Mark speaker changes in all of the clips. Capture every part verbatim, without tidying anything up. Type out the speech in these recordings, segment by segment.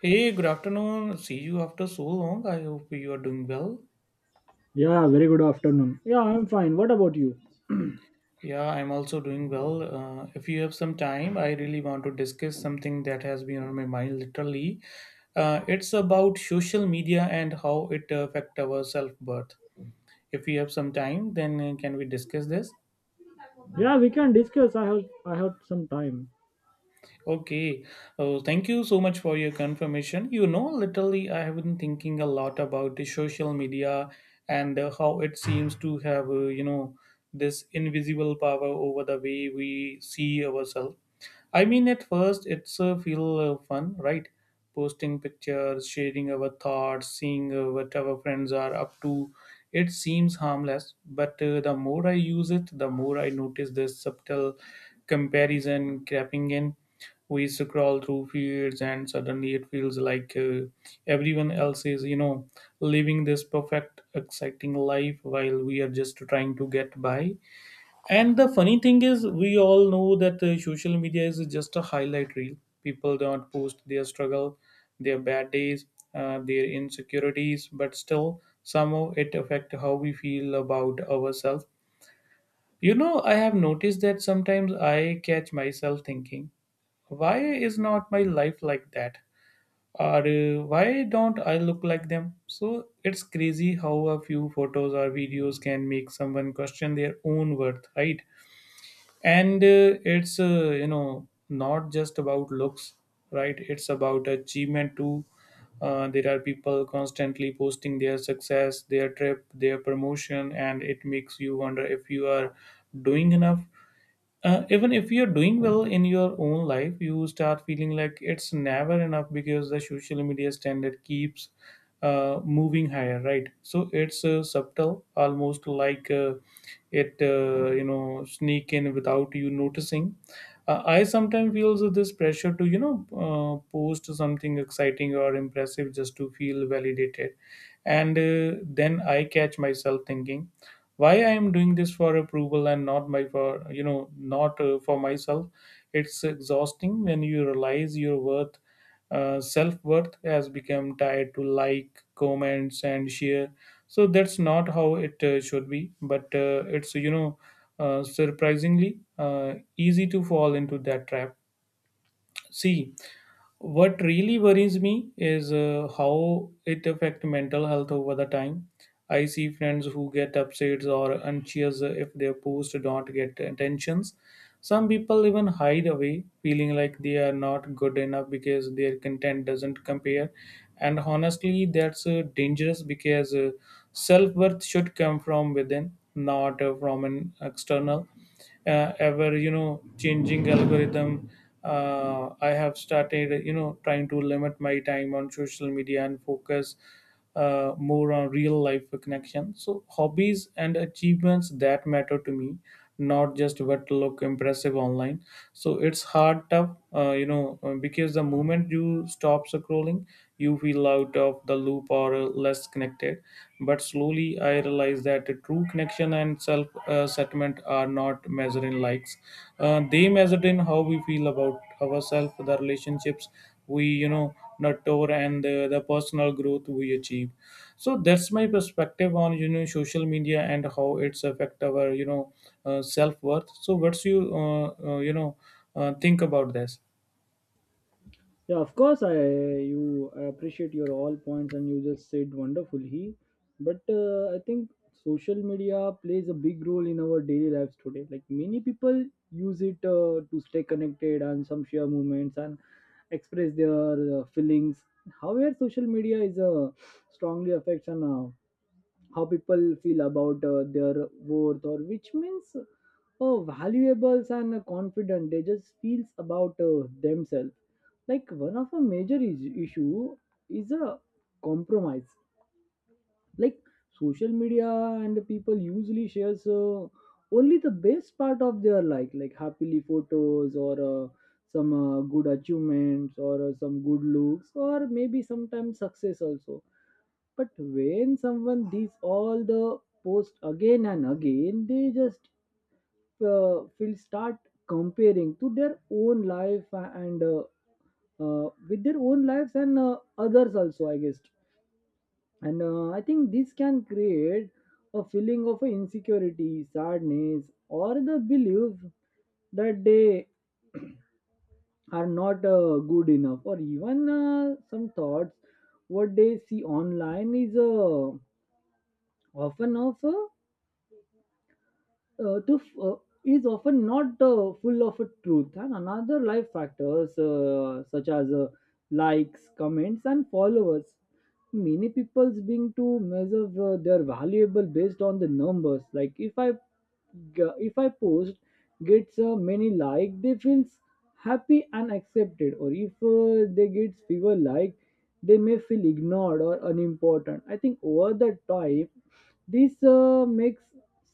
Speaker 1: Hey, good afternoon. See you after so long. I hope you are doing well.
Speaker 2: Yeah, very good afternoon. Yeah, I'm fine. What about you?
Speaker 1: Yeah, I'm also doing well. Uh, if you have some time, I really want to discuss something that has been on my mind literally. Uh, it's about social media and how it affect our self-worth. If you have some time, then uh, can we discuss this?
Speaker 2: Yeah, we can discuss. I have I have some time.
Speaker 1: Okay. Oh, thank you so much for your confirmation. You know, literally, I have been thinking a lot about the social media and uh, how it seems to have, uh, you know, this invisible power over the way we see ourselves. I mean, at first, it's uh, feel uh, fun, right? Posting pictures, sharing our thoughts, seeing uh, what our friends are up to. It seems harmless, but uh, the more I use it, the more I notice this subtle comparison creeping in. We scroll through feeds and suddenly it feels like uh, everyone else is you know living this perfect exciting life while we are just trying to get by. And the funny thing is we all know that uh, social media is just a highlight reel. People don't post their struggle, their bad days, uh, their insecurities, but still somehow it affects how we feel about ourselves. You know, I have noticed that sometimes I catch myself thinking, why is not my life like that, or uh, why don't I look like them? So it's crazy how a few photos or videos can make someone question their own worth, right? And uh, it's uh, you know not just about looks, right? It's about achievement too. Uh, there are people constantly posting their success, their trip, their promotion, and it makes you wonder if you are doing enough. Uh, even if you're doing well in your own life, you start feeling like it's never enough because the social media standard keeps uh, moving higher, right? So it's uh, subtle, almost like uh, it uh, you know sneak in without you noticing. uh, I sometimes feel so this pressure to you know uh, post something exciting or impressive just to feel validated. And uh, then I catch myself thinking, why I am doing this for approval and not my for you know not uh, for myself. It's exhausting when you realize your worth, uh, self-worth has become tied to like comments and share. So that's not how it uh, should be, but uh, it's you know uh, surprisingly uh, easy to fall into that trap. See, what really worries me is uh, how it affect mental health over the time. I see friends who get upset or anxious if their posts don't get attentions. Some people even hide away, feeling like they are not good enough because their content doesn't compare. And honestly, that's uh, dangerous because uh, self worth should come from within, not uh, from an external uh, ever you know changing algorithm. uh, I have started you know trying to limit my time on social media and focus uh, more on real life connection, so hobbies and achievements that matter to me, not just what look impressive online. So it's hard tough, uh, you know uh, because the moment you stop scrolling you feel out of the loop or uh, less connected. But slowly I realized that the true connection and self uh, settlement are not measured in likes. Uh, they measured in how we feel about ourselves, the relationships we you know nurture, and the, the personal growth we achieve. So that's my perspective on you know social media and how it's affect our you know uh, self-worth. So what's you uh, uh, you know uh, think about this?
Speaker 2: Yeah, of course. I you I appreciate your all points and you just said wonderfully. But uh, I think social media plays a big role in our daily lives today. Like many people use it uh, to stay connected and some share moments and express their uh, feelings. However, social media is uh, strongly affects on uh, how people feel about uh, their worth or which means oh valuables and uh, confident they just feels about uh, themselves like one of a major is- issue is a compromise like social media and people usually shares uh, only the best part of their life like happily photos or uh, some uh, good achievements or uh, some good looks or maybe sometimes success also. But when someone these all the post again and again they just uh, will start comparing to their own life and uh, uh, with their own lives and uh, others also, I guess. And uh, I think this can create a feeling of insecurity sadness or the belief that they are not uh, good enough or even uh, some thoughts what they see online is uh, often of uh, uh, to f- uh, is often not uh, full of a truth and another life factors uh, such as uh, likes comments and followers. Many people's being to measure uh, their valuable based on the numbers. Like if i g- if I post gets uh, many like they feels happy and accepted, or if uh, they get fewer like they may feel ignored or unimportant. I think over the time this uh, makes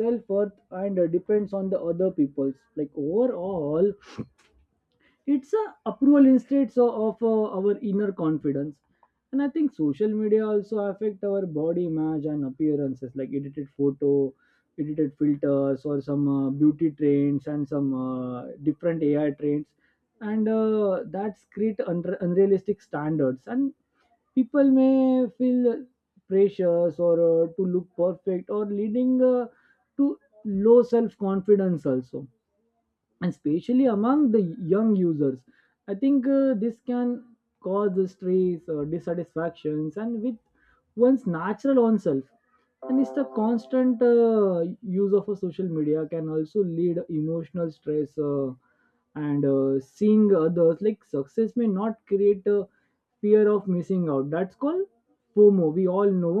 Speaker 2: self worth and uh, depends on the other people's like. Overall it's a approval instead so of uh, our inner confidence. And I think social media also affect our body image and appearances like edited photo edited filters or some uh, beauty trends and some uh, different A I trends, and uh, that's create unre- unrealistic standards and people may feel pressures or uh, to look perfect or leading uh, to low self confidence also, especially among the young users. I think uh, this can cause stress or dissatisfactions and with one's natural own self. And it's the constant uh, use of a social media can also lead emotional stress. Uh, and uh, seeing others like success may not create a fear of missing out, that's called FOMO, we all know.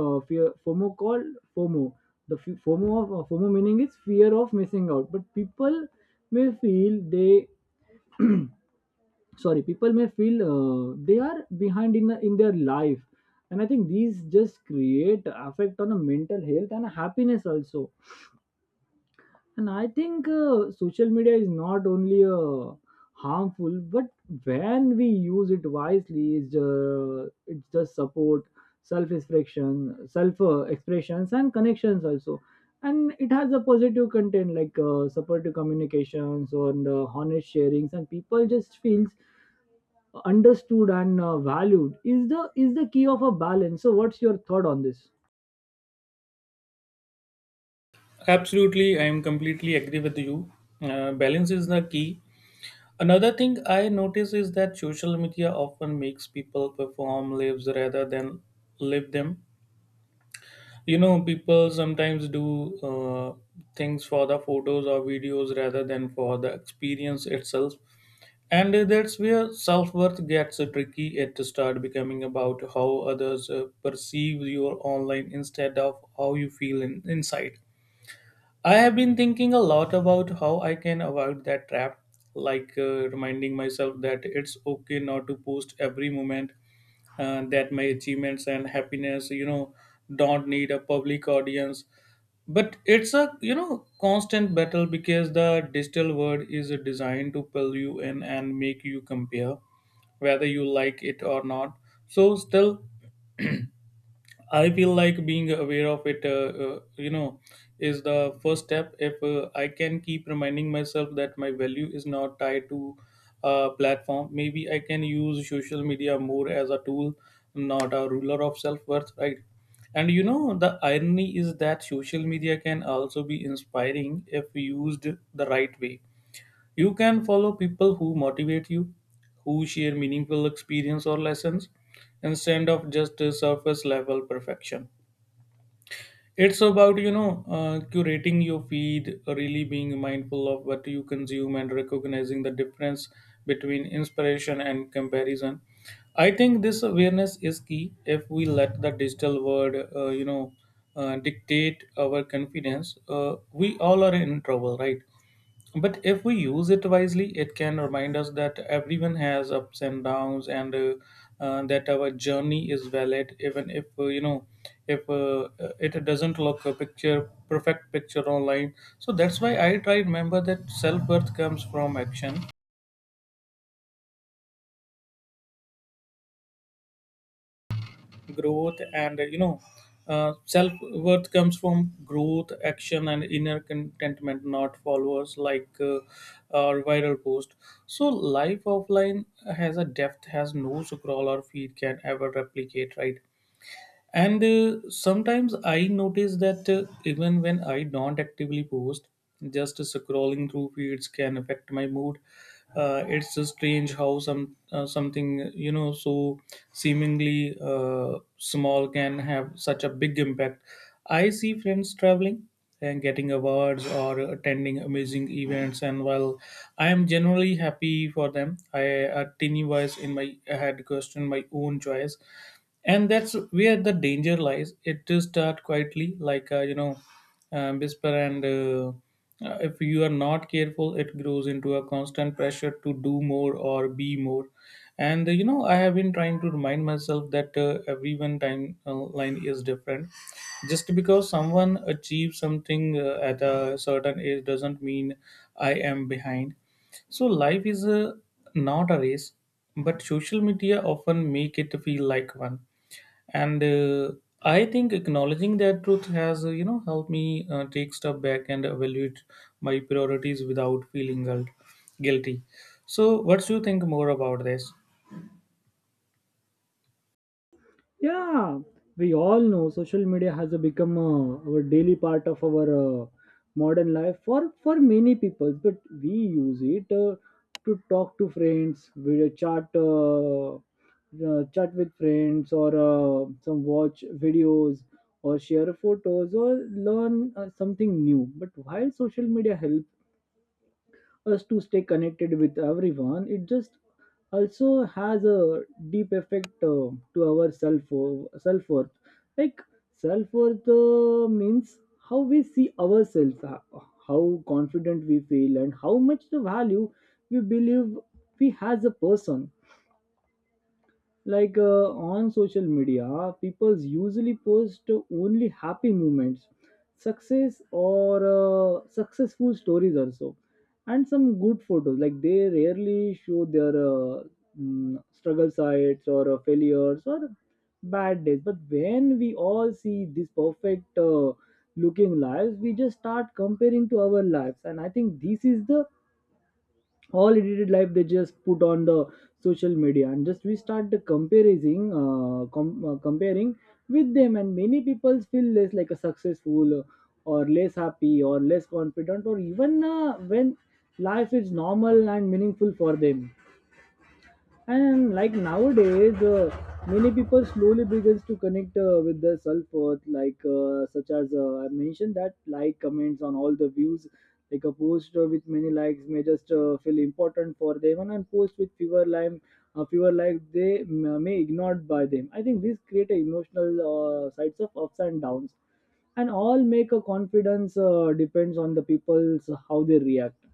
Speaker 2: Uh, fear fomo called fomo the f- fomo of uh, FOMO meaning is fear of missing out, but people may feel they, sorry, people may feel uh, they are behind in, in their life. And I think these just create affect on a mental health and happiness also. And I think uh, social media is not only uh, harmful, but when we use it wisely, it's, uh, it's just support, self expression, self uh, expressions, and connections also. And it has a positive content like uh, supportive communications and uh, honest sharings, and people just feels understood and uh, valued is the is the key of a balance. So, what's your thought on this?
Speaker 1: Absolutely, I am completely agree with you. Uh, balance is the key. Another thing I notice is that social media often makes people perform lives rather than live them. You know, people sometimes do uh, things for the photos or videos rather than for the experience itself. And that's where self worth gets tricky. It starts becoming about how others uh, perceive your online instead of how you feel in, inside. I have been thinking a lot about how I can avoid that trap, like uh, reminding myself that it's okay not to post every moment, uh, that my achievements and happiness, you know, don't need a public audience. But it's a you know constant battle because the digital world is designed to pull you in and make you compare whether you like it or not. So still I feel like being aware of it, uh, uh, you know, is the first step. If uh, I can keep reminding myself that my value is not tied to a platform, maybe I can use social media more as a tool, not a ruler of self worth, right? And you know, the irony is that social media can also be inspiring if used the right way. You can follow people who motivate you, who share meaningful experience or lessons instead of just a surface level perfection. It's about, you know, uh, curating your feed, really being mindful of what you consume and recognizing the difference between inspiration and comparison. I think this awareness is key. If we let the digital world, uh, you know, uh, dictate our confidence, Uh, we all are in trouble, right? But if we use it wisely, it can remind us that everyone has ups and downs, and uh, uh, that our journey is valid, even if uh, you know if uh, uh, it doesn't look a picture perfect picture online. So that's why I try remember that self worth comes from action, growth and you know uh, self worth comes from growth action and inner contentment, not followers like uh, or viral post. So life offline has a depth has no scroll or feed can ever replicate, right? And uh, sometimes I notice that uh, even when I don't actively post, just scrolling through feeds can affect my mood. Uh, it's uh, strange how some uh, something you know so seemingly uh, small can have such a big impact. I see friends traveling and getting awards or attending amazing events, and while I am generally happy for them, I a tiny voice in my head question my own choice. And that's where the danger lies, it to start quietly like uh, you know uh, whisper, and uh, uh, if you are not careful it grows into a constant pressure to do more or be more. And uh, you know I have been trying to remind myself that uh, everyone timeline is different. Just because someone achieves something uh, at a certain age doesn't mean I am behind. So life is a, not a race, but social media often make it feel like one. And uh, I think acknowledging that truth has uh, you know helped me uh, take step back and evaluate my priorities without feeling guilt, guilty. So what do you think more about this?
Speaker 2: Yeah, we all know social media has become uh, our daily part of our uh, modern life for for many people. But we use it uh, to talk to friends, video chat, uh, uh, chat with friends, or uh, some watch videos, or share photos, or learn uh, something new. But while social media help us to stay connected with everyone, it just also has a deep effect uh, to our self self worth. Like self worth uh, means how we see ourselves, ho- how confident we feel and how much the value we believe we as a person. Like uh, on social media people usually post only happy moments, success or uh, successful stories also, and some good photos. Like they rarely show their uh, mm, struggle sites or uh, failures or bad days. But when we all see these perfect uh, looking lives we just start comparing to our lives. And I think this is the all edited life they just put on the social media and just we start the comparing uh, com- uh, comparing with them, and many people feel less like a successful uh, or less happy or less confident or even uh, when life is normal and meaningful for them. And like nowadays uh, many people slowly begins to connect uh, with their self-worth, like uh, such as uh, I mentioned that like comments on all the views. Like a post uh, with many likes may just uh, feel important for them, and a post with fewer like uh, fewer likes they m- may ignored by them. I think these create a emotional uh, sides of ups and downs and all make a confidence uh, depends on the people's how they react.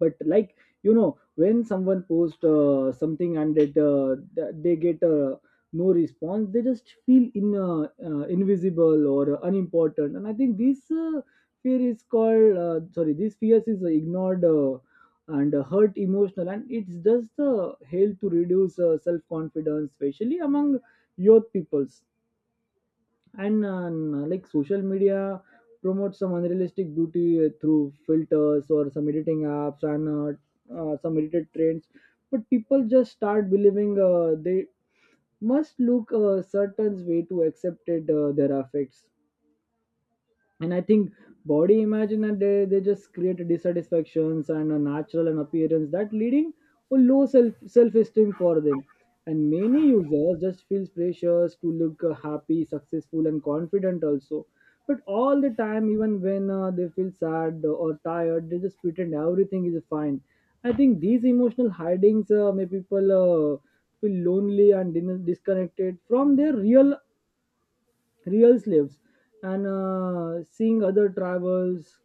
Speaker 2: But like you know when someone posts uh, something and it uh, th- they get uh, no response they just feel in uh, uh, invisible or unimportant. And I think this uh, fear is called uh, sorry this fear is ignored uh, and uh, hurt emotional, and it's just the help to reduce uh, self confidence especially among youth peoples. And uh, like social media promotes some unrealistic beauty uh, through filters or some editing apps and uh, uh, some edited trends. But people just start believing uh, they must look a certain way to accepted uh, their affects. And I think body image and they, they just create dissatisfactions and a natural and appearance that leading to low self self-esteem for them. And many users just feels pressures to look uh, happy successful and confident also but all the time. Even when uh, they feel sad or tired they just pretend everything is fine. I think these emotional hidings uh, make people uh, feel lonely and dis- disconnected from their real real slaves. And uh, seeing other travels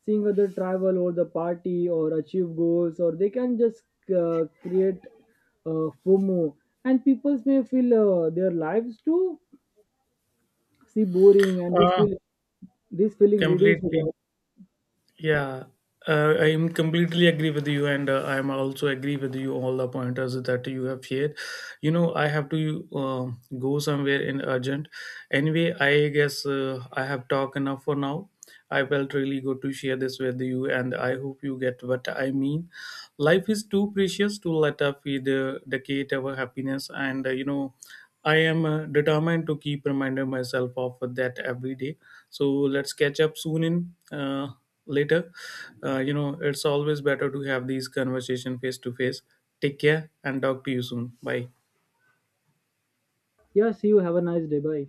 Speaker 2: seeing other travel or the party or achieve goals or they can just uh, create uh, FOMO, and people may feel uh, their lives too see boring. And this
Speaker 1: Uh,
Speaker 2: feel this feeling reduced.
Speaker 1: completely. Yeah, uh, I am completely agree with you, and uh, I am also agree with you all the pointers that you have shared. You know, I have to uh, go somewhere in urgent. Anyway, I guess uh, I have talked enough for now. I felt really good to share this with you, and I hope you get what I mean. Life is too precious to let up with uh, decade our happiness, and uh, you know, I am uh, determined to keep reminding myself of that every day. So let's catch up soon in. Uh, later. Uh, you know, it's always better to have these conversation face to face. Take care and talk to you soon. Bye.
Speaker 2: Yes, you have a nice day. Bye.